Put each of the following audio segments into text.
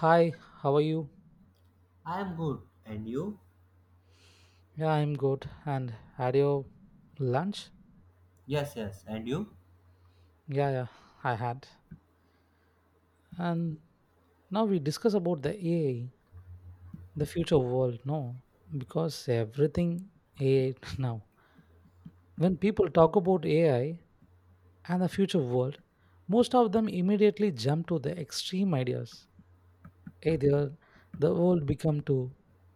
Hi, how are you? I am good. And you? Yeah, I'm good. And had your lunch? Yes, yes. And you? Yeah, yeah, I had. And now we discuss about the AI, the future world, no? Because everything AI now. When people talk about AI and the future world, most of them immediately jump to the extreme ideas. Either the world become to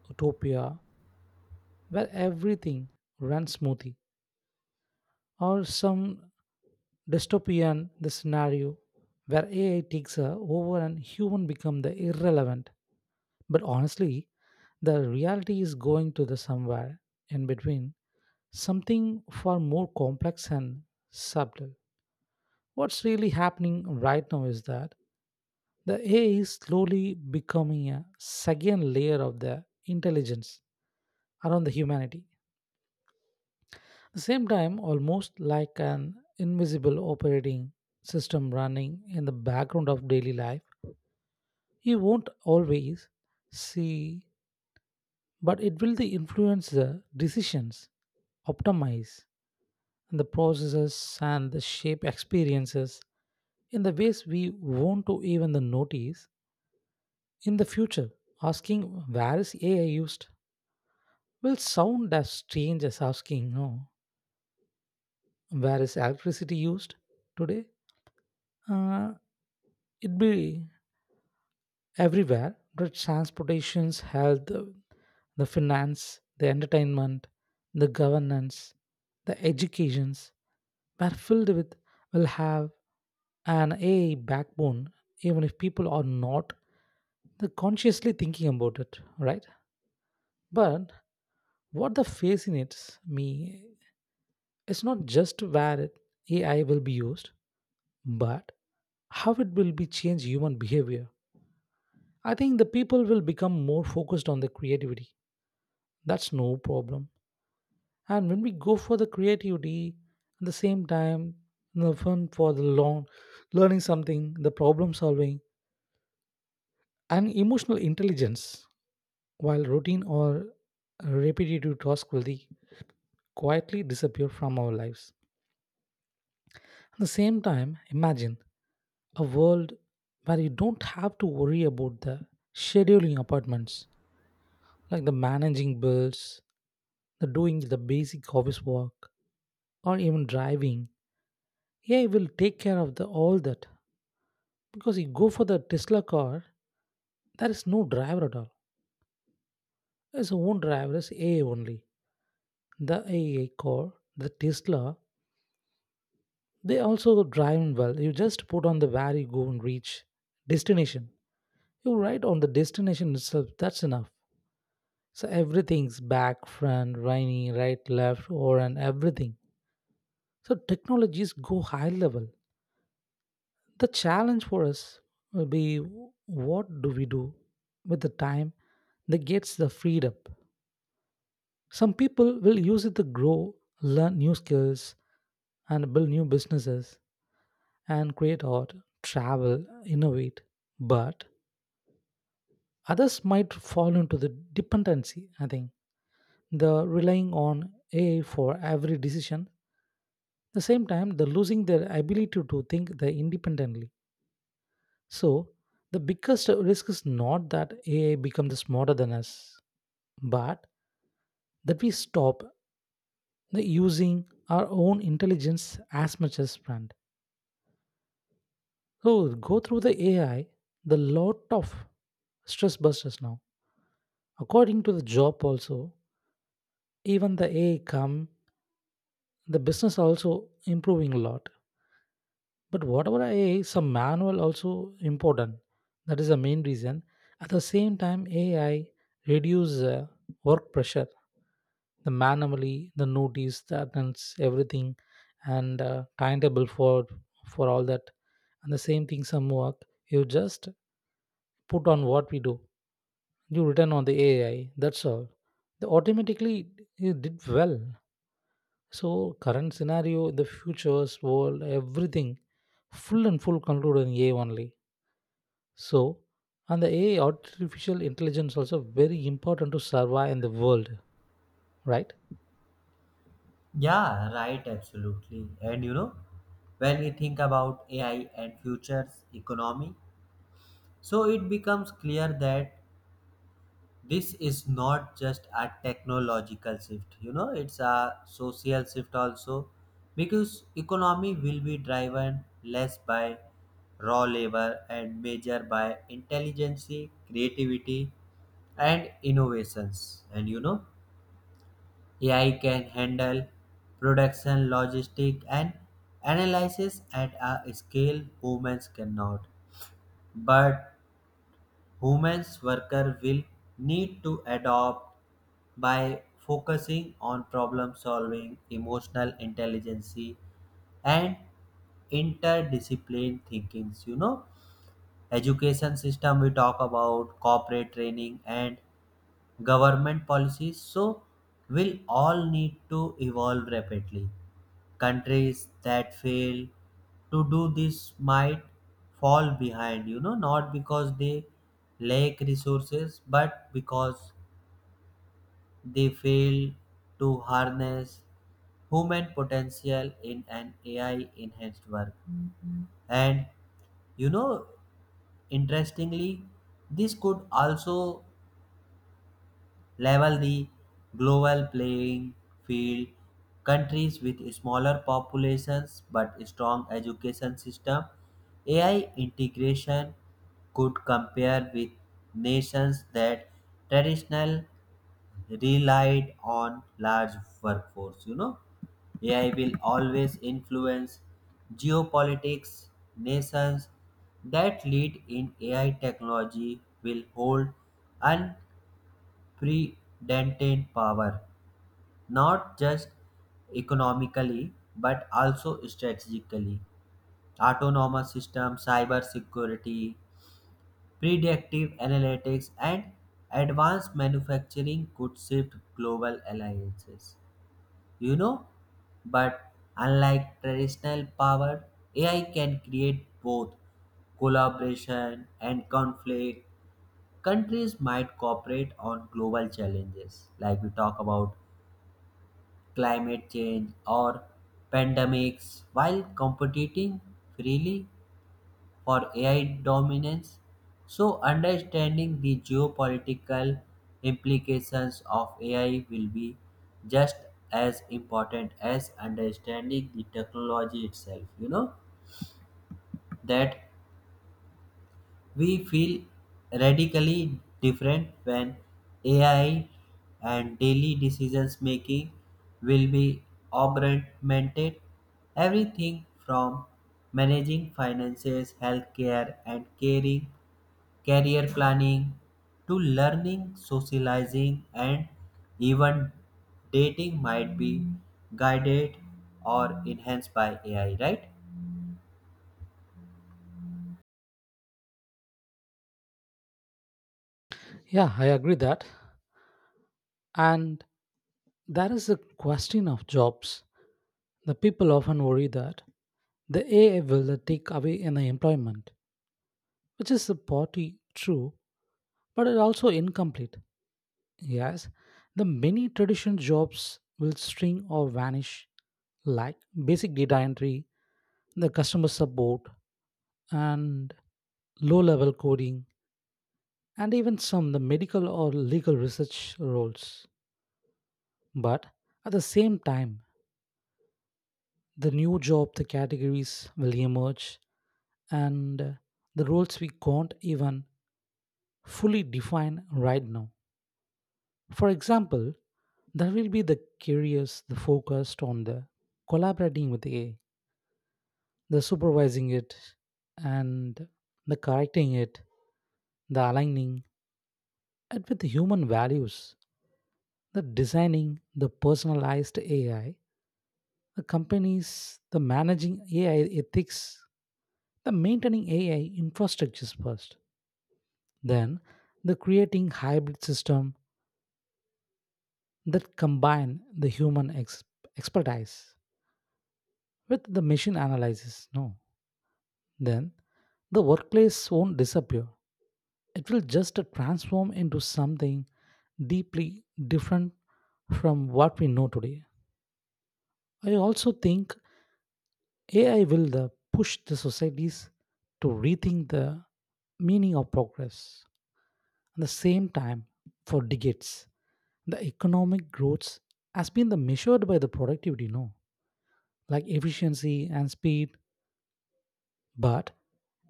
utopia where everything runs smoothly, or some dystopian the scenario where AI takes over and human become the irrelevant. But honestly, the reality is going to the somewhere in between, something far more complex and subtle. What's really happening right now is that the AI is slowly becoming a second layer of the intelligence around the humanity. At the same time, almost like an invisible operating system running in the background of daily life, you won't always see, but it will influence the decisions, optimize and the processes and the shape experiences in the ways we won't to even the notice in the future. Asking where is AI used will sound as strange as asking no where is electricity used today. Uh, it be everywhere, the transportations, health, the finance, the entertainment, the governance, the educations were filled with, will have an ai backbone, even if people are not the consciously thinking about it, right? But what the fascinates me is not just where ai will be used, but how it will be change human behavior. I think the people will become more focused on the creativity. That's no problem. And when we go for the creativity, at the same time, the fun for the long, learning something, the problem solving, and emotional intelligence, while routine or repetitive tasks will quietly disappear from our lives. At the same time, imagine a world where you don't have to worry about the scheduling appointments, like the managing bills, the doing the basic office work, or even driving. AI will take care of the all that. Because you go for the Tesla car, there is no driver at all. Its own driver is AI only. The AI car, the Tesla, they also drive well. You just put on the where you go and reach destination. You write on the destination itself. That's enough. So everything's back, front, rainy, right, left, or and everything. So technologies go high level. The challenge for us will be what do we do with the time that gets the freed up? Some people will use it to grow, learn new skills, and build new businesses and create art, travel, innovate. But others might fall into the dependency, I think, the relying on AI for every decision. At the same time, the losing their ability to think the independently. So the biggest risk is not that AI becomes smarter than us, but that we stop the using our own intelligence as much as planned. So go through the AI, the lot of stress busters now. According to the job also, even the AI come, the business also improving a lot. But whatever AI, some manual also important. That is the main reason. At the same time, AI reduce work pressure, the manually, the notice, the attendance, everything, and timetable for all that. And the same thing, some work you just put on what we do. You return on the AI. That's all. The automatically it did well. So current scenario, the futures, world, everything, full and full control in AI only. So and the AI artificial intelligence also very important to survive in the world, right? Yeah, right, absolutely. And you know, when we think about AI and futures economy, so it becomes clear that this is not just a technological shift, you know, it's a social shift also because economy will be driven less by raw labor and measured by intelligence, creativity and innovations. And you know, AI can handle production, logistic, and analysis at a scale humans cannot. But humans worker will need to adopt by focusing on problem solving, emotional intelligence, and interdiscipline thinkings. You know, education system we talk about, corporate training, and government policies. So, will all need to evolve rapidly. Countries that fail to do this might fall behind, you know, not because they lack resources, but because they fail to harness human potential in an AI enhanced work. And you know, interestingly, this could also level the global playing field. Countries with smaller populations but strong education system, AI integration could compare with nations that traditional relied on large workforce. You know, AI will always influence geopolitics. Nations that lead in AI technology will hold unprecedented power, not just economically but also strategically. Autonomous systems, cyber security, predictive analytics, and advanced manufacturing could shift global alliances. You know, but unlike traditional power, AI can create both collaboration and conflict countries might cooperate on global challenges like we talk about climate change, or pandemics while competing freely for AI dominance. So, understanding the geopolitical implications of AI will be just as important as understanding the technology itself. You know that we feel radically different when AI and daily decisions making will be augmented. Everything from managing finances, healthcare, and caring, career planning to learning, socializing, and even dating might be guided or enhanced by AI, right? Yeah, I agree that. And that is the question of jobs. The people often worry that the AI will take away in the employment, which is partly true, but it also incomplete. Yes, the many traditional jobs will string or vanish, like basic data entry, the customer support, and low level coding, and even some the medical or legal research roles. But at the same time, the new job the categories will emerge, and the roles we can't even fully define right now. For example, there will be the curious, the focused on the collaborating with AI, the supervising it, and the correcting it, the aligning it with the human values, the designing the personalized AI, the companies, the managing AI ethics, the maintaining AI infrastructures first, then the creating hybrid system that combine the human expertise with the machine analysis. No then the workplace won't disappear. It will just transform into something deeply different from what we know today. I also think AI will the push the societies to rethink the meaning of progress. At the same time, for decades, the economic growth has been the measured by the productivity, no, like efficiency and speed. But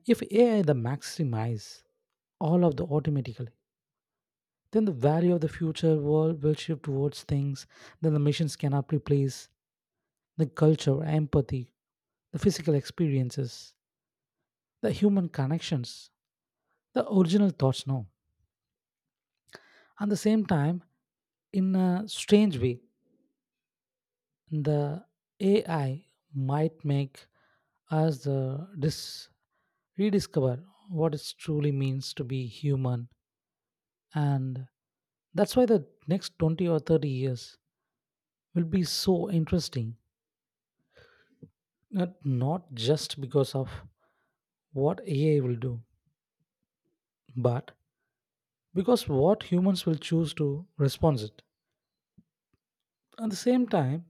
if AI the maximize all of the automatically, then the value of the future world will shift towards things that the machines cannot replace, the culture, empathy, the physical experiences, the human connections, the original thoughts now. At the same time, in a strange way, the AI might make us the rediscover what it truly means to be human. And that's why the next 20 or 30 years will be so interesting. Not just because of what AI will do, but because what humans will choose to respond it. At the same time,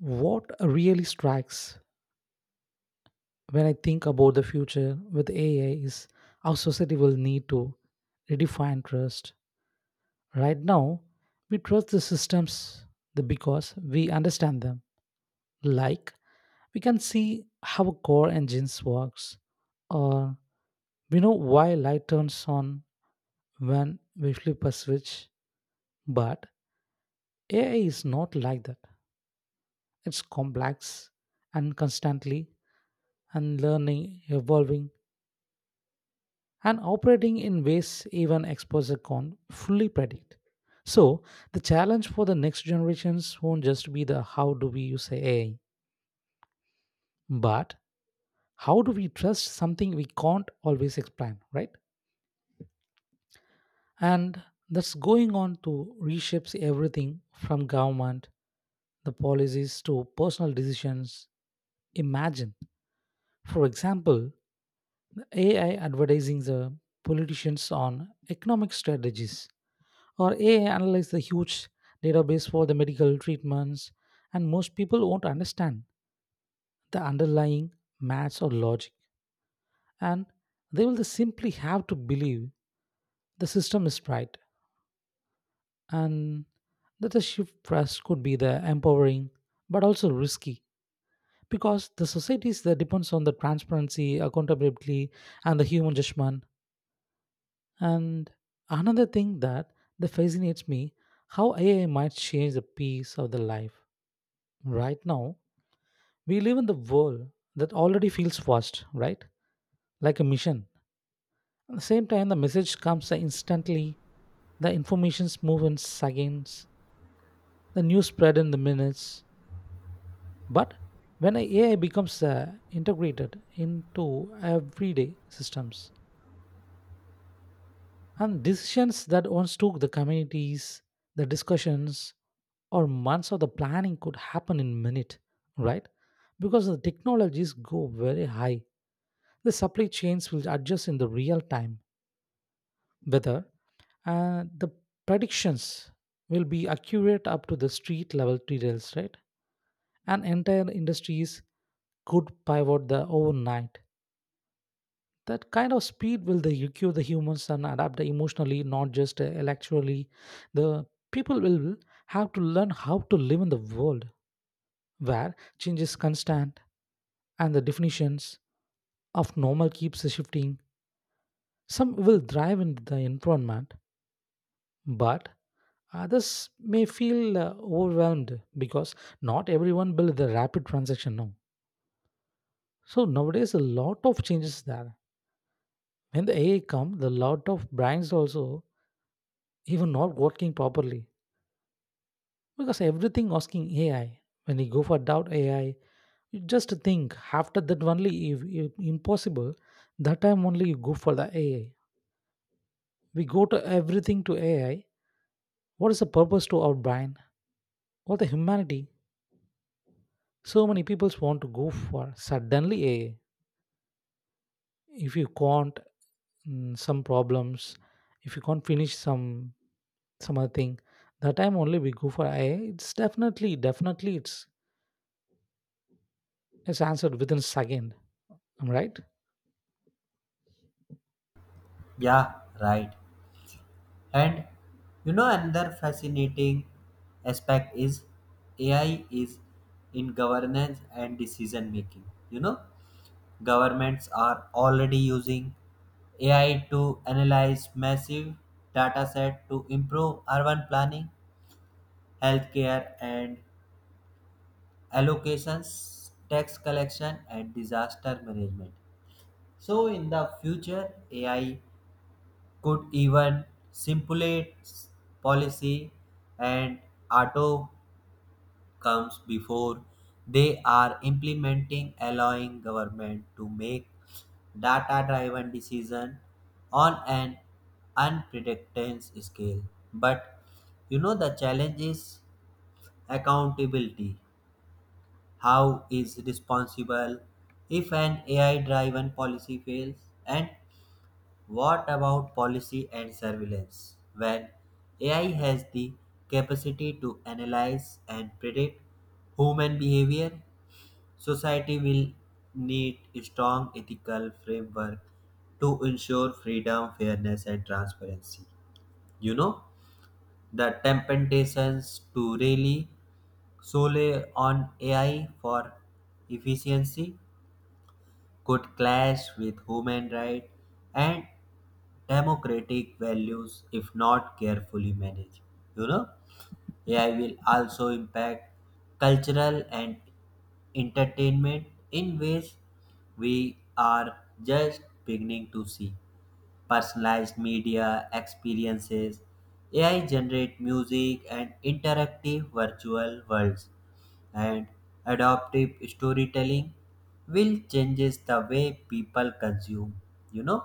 what really strikes when I think about the future with AI is our society will need to redefine trust. Right now, we trust the systems because we understand them. Like we can see how a core engines works, or we know why light turns on when we flip a switch. But AI is not like that. It's complex and constantly and learning, evolving, and operating in ways even experts can't fully predict. So the challenge for the next generations won't just be the how do we use AI, but how do we trust something we can't always explain, right? And that's going on to reshapes everything from government, the policies to personal decisions. Imagine, for example, AI advertising the politicians on economic strategies, or AI analyze the huge database for the medical treatments, and most people won't understand the underlying maths or logic, and they will simply have to believe the system is right, and that the shift trust could be the empowering but also risky because the societies that depends on the transparency, accountability, and the human judgment. And another thing that fascinates me how AI might change the pace of the life. Right now, we live in the world that already feels fast, right? Like a mission. At the same time, the message comes instantly, the information's move in seconds, the news spread in the minutes. But when AI becomes integrated into everyday systems, and decisions that once took the communities the discussions or months of the planning could happen in minute, right? Because the technologies go very high, the supply chains will adjust in the real time, whether the predictions will be accurate up to the street level details, right? And entire industries could pivot the overnight. That kind of speed will they EQ the humans and adapt emotionally, not just intellectually. The people will have to learn how to live in the world where change is constant and the definitions of normal keeps shifting. Some will thrive in the environment, but others may feel overwhelmed because not everyone build the rapid transaction now. So nowadays a lot of changes there. When the AI come, the lot of brains also even not working properly. Because everything asking AI, when you go for doubt AI, you just think after that only if impossible, that time only you go for the AI. We go to everything to AI. What is the purpose to our brain? What the humanity? So many people want to go for suddenly AI. If you can't some problems, if you can't finish some other thing, that time only we go for AI. It's definitely it's answered within second. Am I right? Yeah, right. And you know, another fascinating aspect is AI is in governance and decision making. You know, governments are already using AI to analyze massive data set to improve urban planning, healthcare and allocations, tax collection and disaster management. So in the future, AI could even stipulate policy and outcomes before they are implementing, allowing government to make data-driven decision on an unprecedented scale. But you know the challenge is accountability. How is responsible if an AI-driven policy fails and what about policy and surveillance? When AI has the capacity to analyze and predict human behavior, society will need a strong ethical framework to ensure freedom, fairness, and transparency. You know, the temptations to rely solely on AI for efficiency could clash with human rights and democratic values if not carefully managed. You know, AI will also impact cultural and entertainment in ways we are just beginning to see. Personalized media experiences, AI generate music and interactive virtual worlds and adaptive storytelling will changes the way people consume. You know,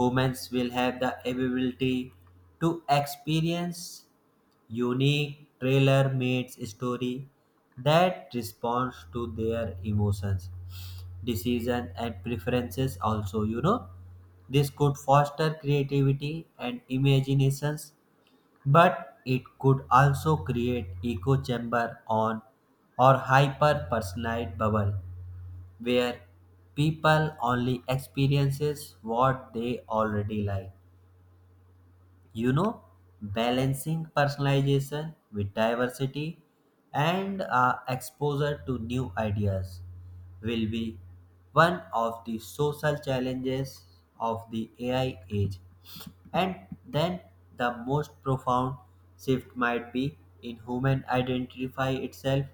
humans will have the ability to experience unique trailer made story that responds to their emotions, decision and preferences also. You know, this could foster creativity and imaginations, but it could also create echo chamber on or hyper personalized bubble where people only experiences what they already like. You know, balancing personalization with diversity and exposure to new ideas will be one of the social challenges of the AI age. And then the most profound shift might be in human identify itself.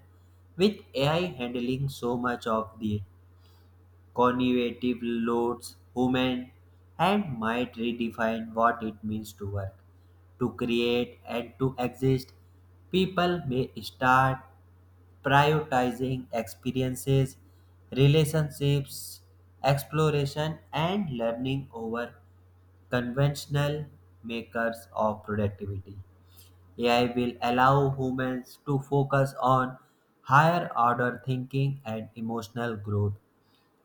With AI handling so much of the cognitive loads, human and might redefine what it means to work, to create and to exist. People may start prioritizing experiences, relationships, exploration, and learning over conventional makers of productivity. AI will allow humans to focus on higher order thinking and emotional growth,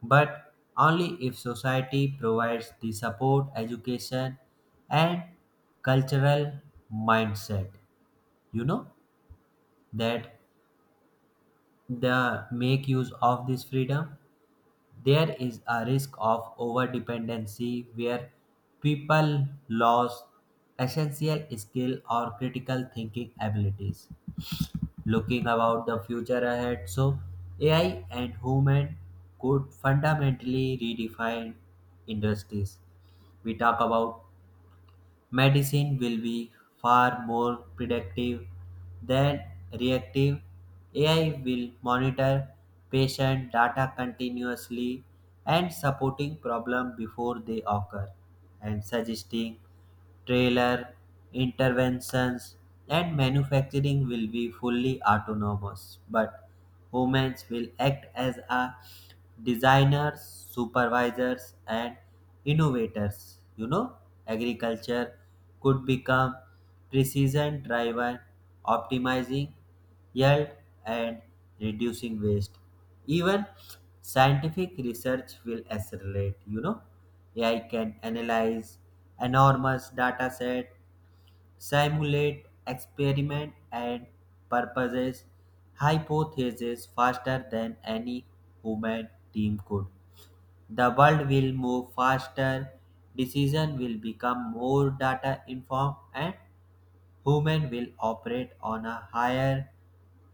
but only if society provides the support, education, and cultural mindset. You know that the make use of this freedom, there is a risk of overdependency where people lose essential skill or critical thinking abilities. Looking about the future ahead, so AI and human could fundamentally redefine industries. We talk about medicine will be far more predictive than reactive. AI will monitor patient data continuously and supporting problem before they occur and suggesting trailer interventions, and manufacturing will be fully autonomous. But women will act as a designers, supervisors, and innovators. You know, agriculture could become precision driven, optimizing yield and reducing waste. Even scientific research will accelerate. You know, AI can analyze enormous data set, simulate, experiment, and purposes hypotheses faster than any human team could. The world will move faster, decision will become more data informed, and human will operate on a higher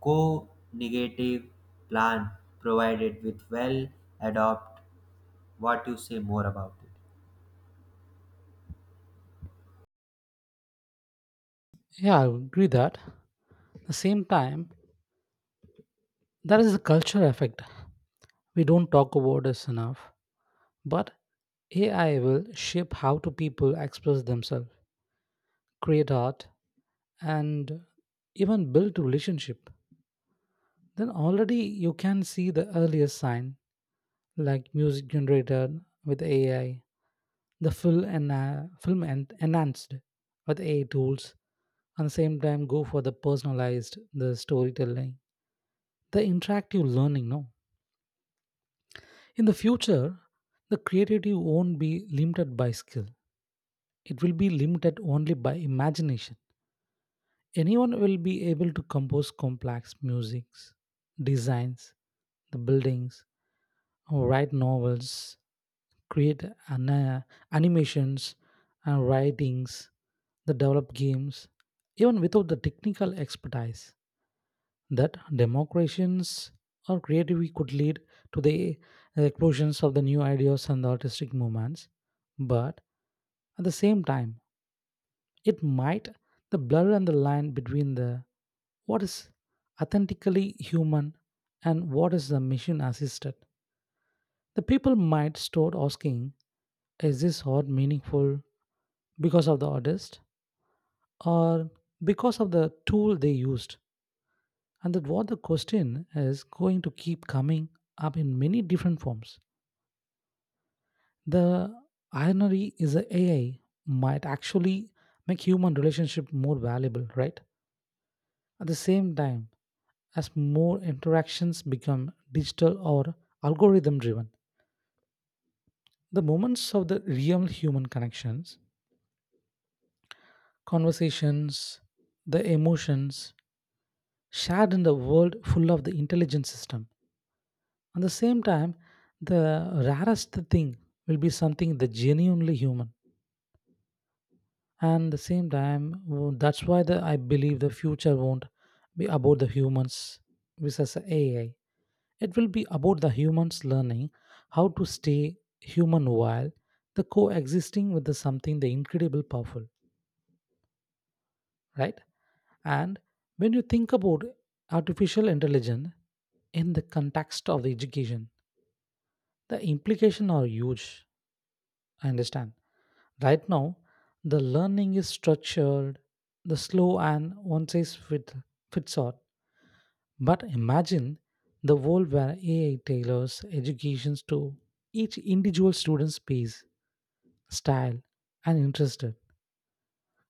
co-negative plan provided with well adopt. What you say more about it? Yeah, I agree that. The same time, there is a cultural effect we don't talk about this enough. But AI will shape how to people express themselves, create art, and even build relationship. Then already you can see the earliest sign, like music generated with AI, the full and film enhanced with AI tools. At the same time, go for the personalized, the storytelling, the interactive learning. No, in the future, the creativity won't be limited by skill. It will be limited only by imagination. Anyone will be able to compose complex musics, designs, the buildings, or write novels, create animations and writings, the develop games, even without the technical expertise. That democrations or creativity could lead to the explosions of the new ideas and the artistic movements, but at the same time it might the blur and the line between the what is authentically human and what is the machine assisted. The people might start asking, is this art meaningful because of the artist or because of the tool they used? And that what the question is going to keep coming up in many different forms. The irony is that AI might actually make human relationship more valuable, right? At the same time, as more interactions become digital or algorithm driven, the moments of the real human connections, conversations, the emotions shared in the world full of the intelligent system. At the same time, the rarest thing will be something that genuinely human. And the same time, that's why the, I believe the future won't be about the humans versus AI. It will be about the humans learning how to stay human while the coexisting with the something the incredible powerful, right? And when you think about artificial intelligence in the context of the education, the implication are huge. I understand. Right now, the learning is structured, the slow and fits all. But imagine the world where AI tailors educations to each individual student's pace, style, and interest.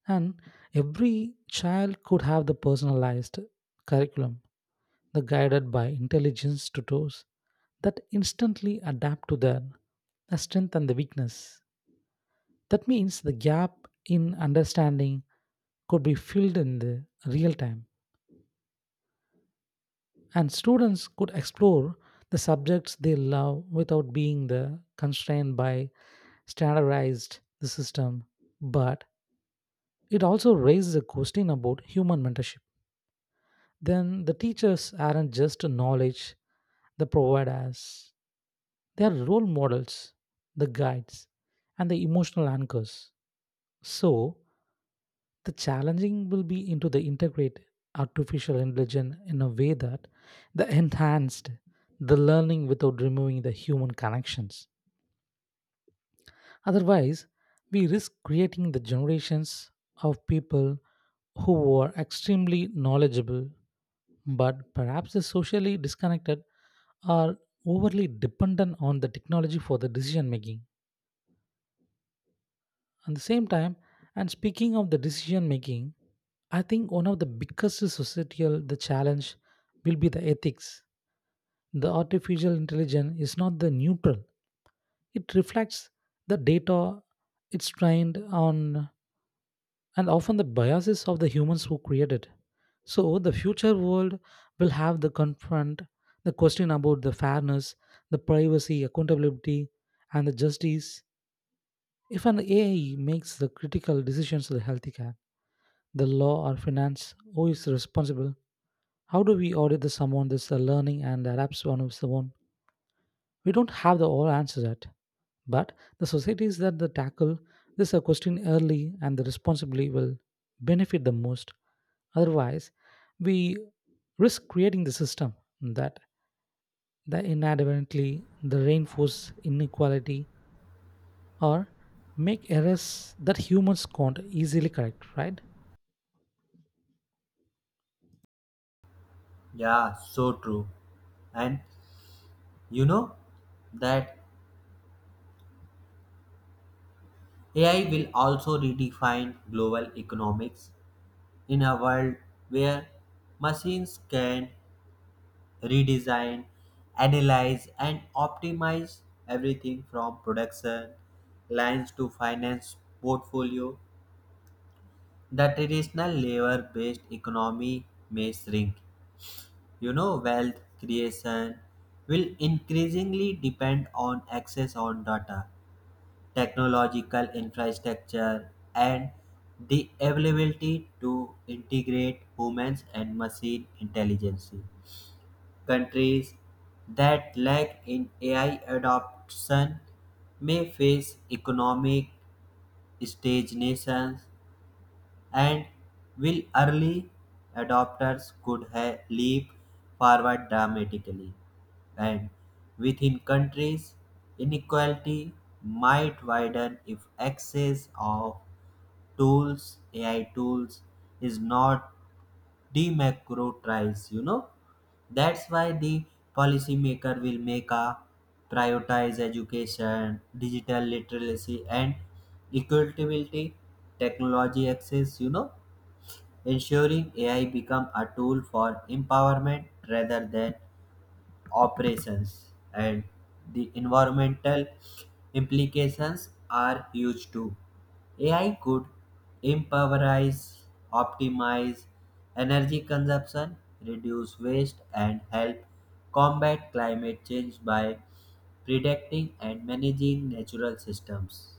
And every child could have the personalized curriculum, the guided by intelligence tutors that instantly adapt to their strength and the weakness. That means the gap in understanding could be filled in the real time, and students could explore the subjects they love without being the constrained by standardized the system. But it also raises a question about human mentorship. Then the teachers aren't just knowledge they provide us, they are role models, the guides, and the emotional anchors. So the challenging will be into the integrate artificial intelligence in a way that the enhanced the learning without removing the human connections. Otherwise, we risk creating the generations of people who are extremely knowledgeable but perhaps is socially disconnected or overly dependent on the technology for the decision making. At the same time, and speaking of the decision making, I think one of the biggest societal the challenge will be the ethics. The artificial intelligence is not the neutral. It reflects the data it's trained on, and often the biases of the humans who created. So the future world will have the confront the question about the fairness, the privacy, accountability, and the justice. If an AI makes the critical decisions to the healthcare, the law or finance, who is responsible? How do we audit the someone that's learning and adapts one of someone? We don't have the all answers yet, but the societies that they tackle this question early and the responsibly will benefit the most. Otherwise, we risk creating the system that that inadvertently the reinforce inequality or make errors that humans can't easily correct, right? Yeah, so true. And you know that AI will also redefine global economics. In a world where machines can redesign, analyze, and optimize everything from production lines to finance portfolio, the traditional labor based economy may shrink. You know, wealth creation will increasingly depend on access on data, technological infrastructure, and the availability to integrate humans and machine intelligence. Countries that lack in AI adoption may face economic stagnations, and will early adopters could have leap forward dramatically, and within countries, inequality might widen if access of tools, AI tools, is not democratized. You know, that's why the policymaker will make a prioritize education, digital literacy, and equitability, technology access. You know, ensuring AI become a tool for empowerment rather than operations. And the environmental implications are huge too. AI could empowerize, optimize energy consumption, reduce waste, and help combat climate change by predicting and managing natural systems.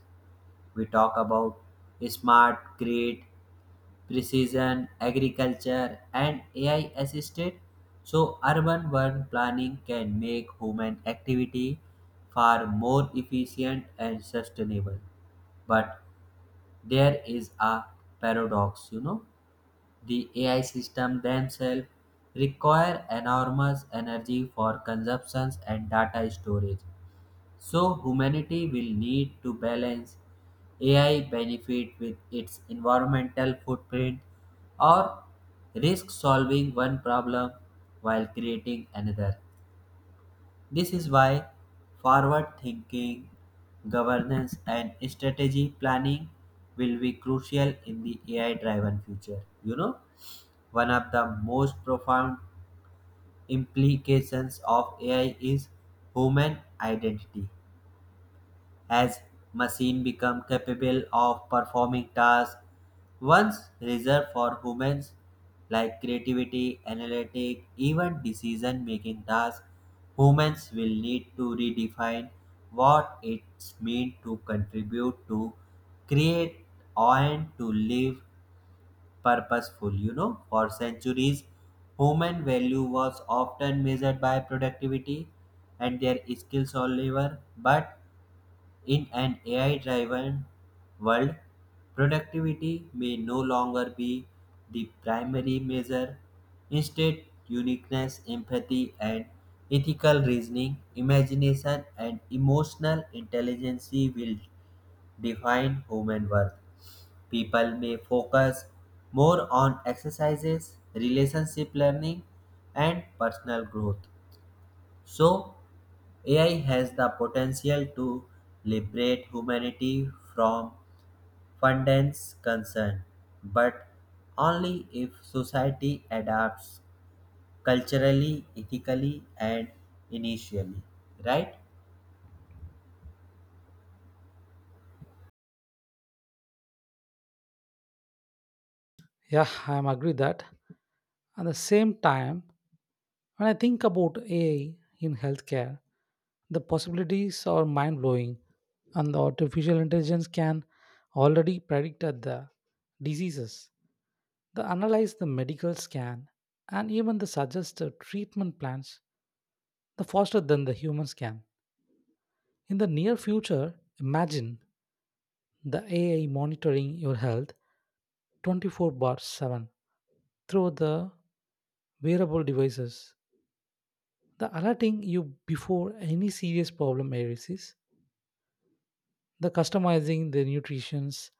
We talk about smart grid, precision agriculture, and AI assisted. So, urban one planning can make human activity far more efficient and sustainable. But there is a paradox, you know. The AI system themselves require enormous energy for consumptions and data storage, so humanity will need to balance AI benefit with its environmental footprint or risk solving one problem while creating another. This is why forward thinking, governance and strategy planning will be crucial in the AI driven future. You know, one of the most profound implications of AI is human identity. As machines become capable of performing tasks once reserved for humans, like creativity, analytic, even decision making tasks, humans will need to redefine what it's means to contribute, to create and to live purposeful. You know, for centuries human value was often measured by productivity and their skills or labor, but in an AI driven world, productivity may no longer be the primary measure. Instead, uniqueness, empathy, and ethical reasoning, imagination, and emotional intelligence will define human worth. People may focus more on exercises, relationship learning, and personal growth. So, AI has the potential to liberate humanity from fundance concern, but only if society adapts culturally, ethically, and initially. Right? Yeah, I'm agree that. At the same time, when I think about AI in healthcare, the possibilities are mind blowing, and the artificial intelligence can already predict at the diseases, they analyze the medical scan, and even they suggest the suggested treatment plans the faster than the humans can. In the near future, imagine the AI monitoring your health 24/7 through the wearable devices, the alerting you before any serious problem arises, the customizing the nutritions,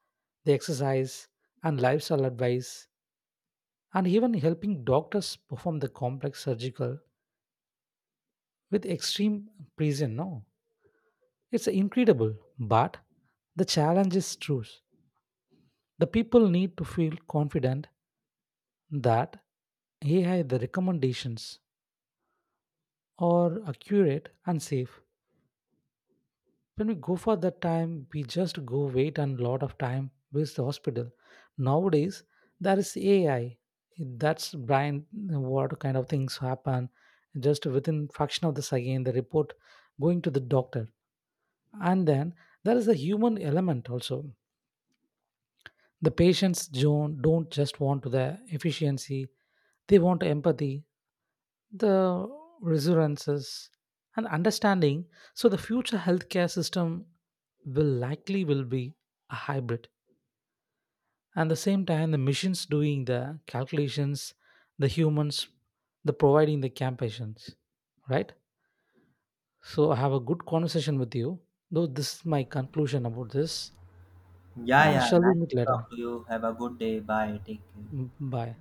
the exercise and lifestyle advice, and even helping doctors perform the complex surgical with extreme precision. No, it's incredible, but the challenge is truth. The people need to feel confident that AI the recommendations are accurate and safe. When we go for that time, we just go wait and lot of time with the hospital. Nowadays there is AI that's brain what kind of things happen, just within fraction of the second the report going to the doctor, and then there is a human element also. The patients don't just want to the efficiency, they want empathy, the resonances and understanding. So the future healthcare system will likely will be a hybrid, and the same time the machines doing the calculations, the humans the providing the campaigns, right? So I have a good conversation with you, though this is my conclusion about this. Yeah, And yeah. shall we Nice meet to later? talk to you. Have a good day. Bye. Take care. Mm, bye.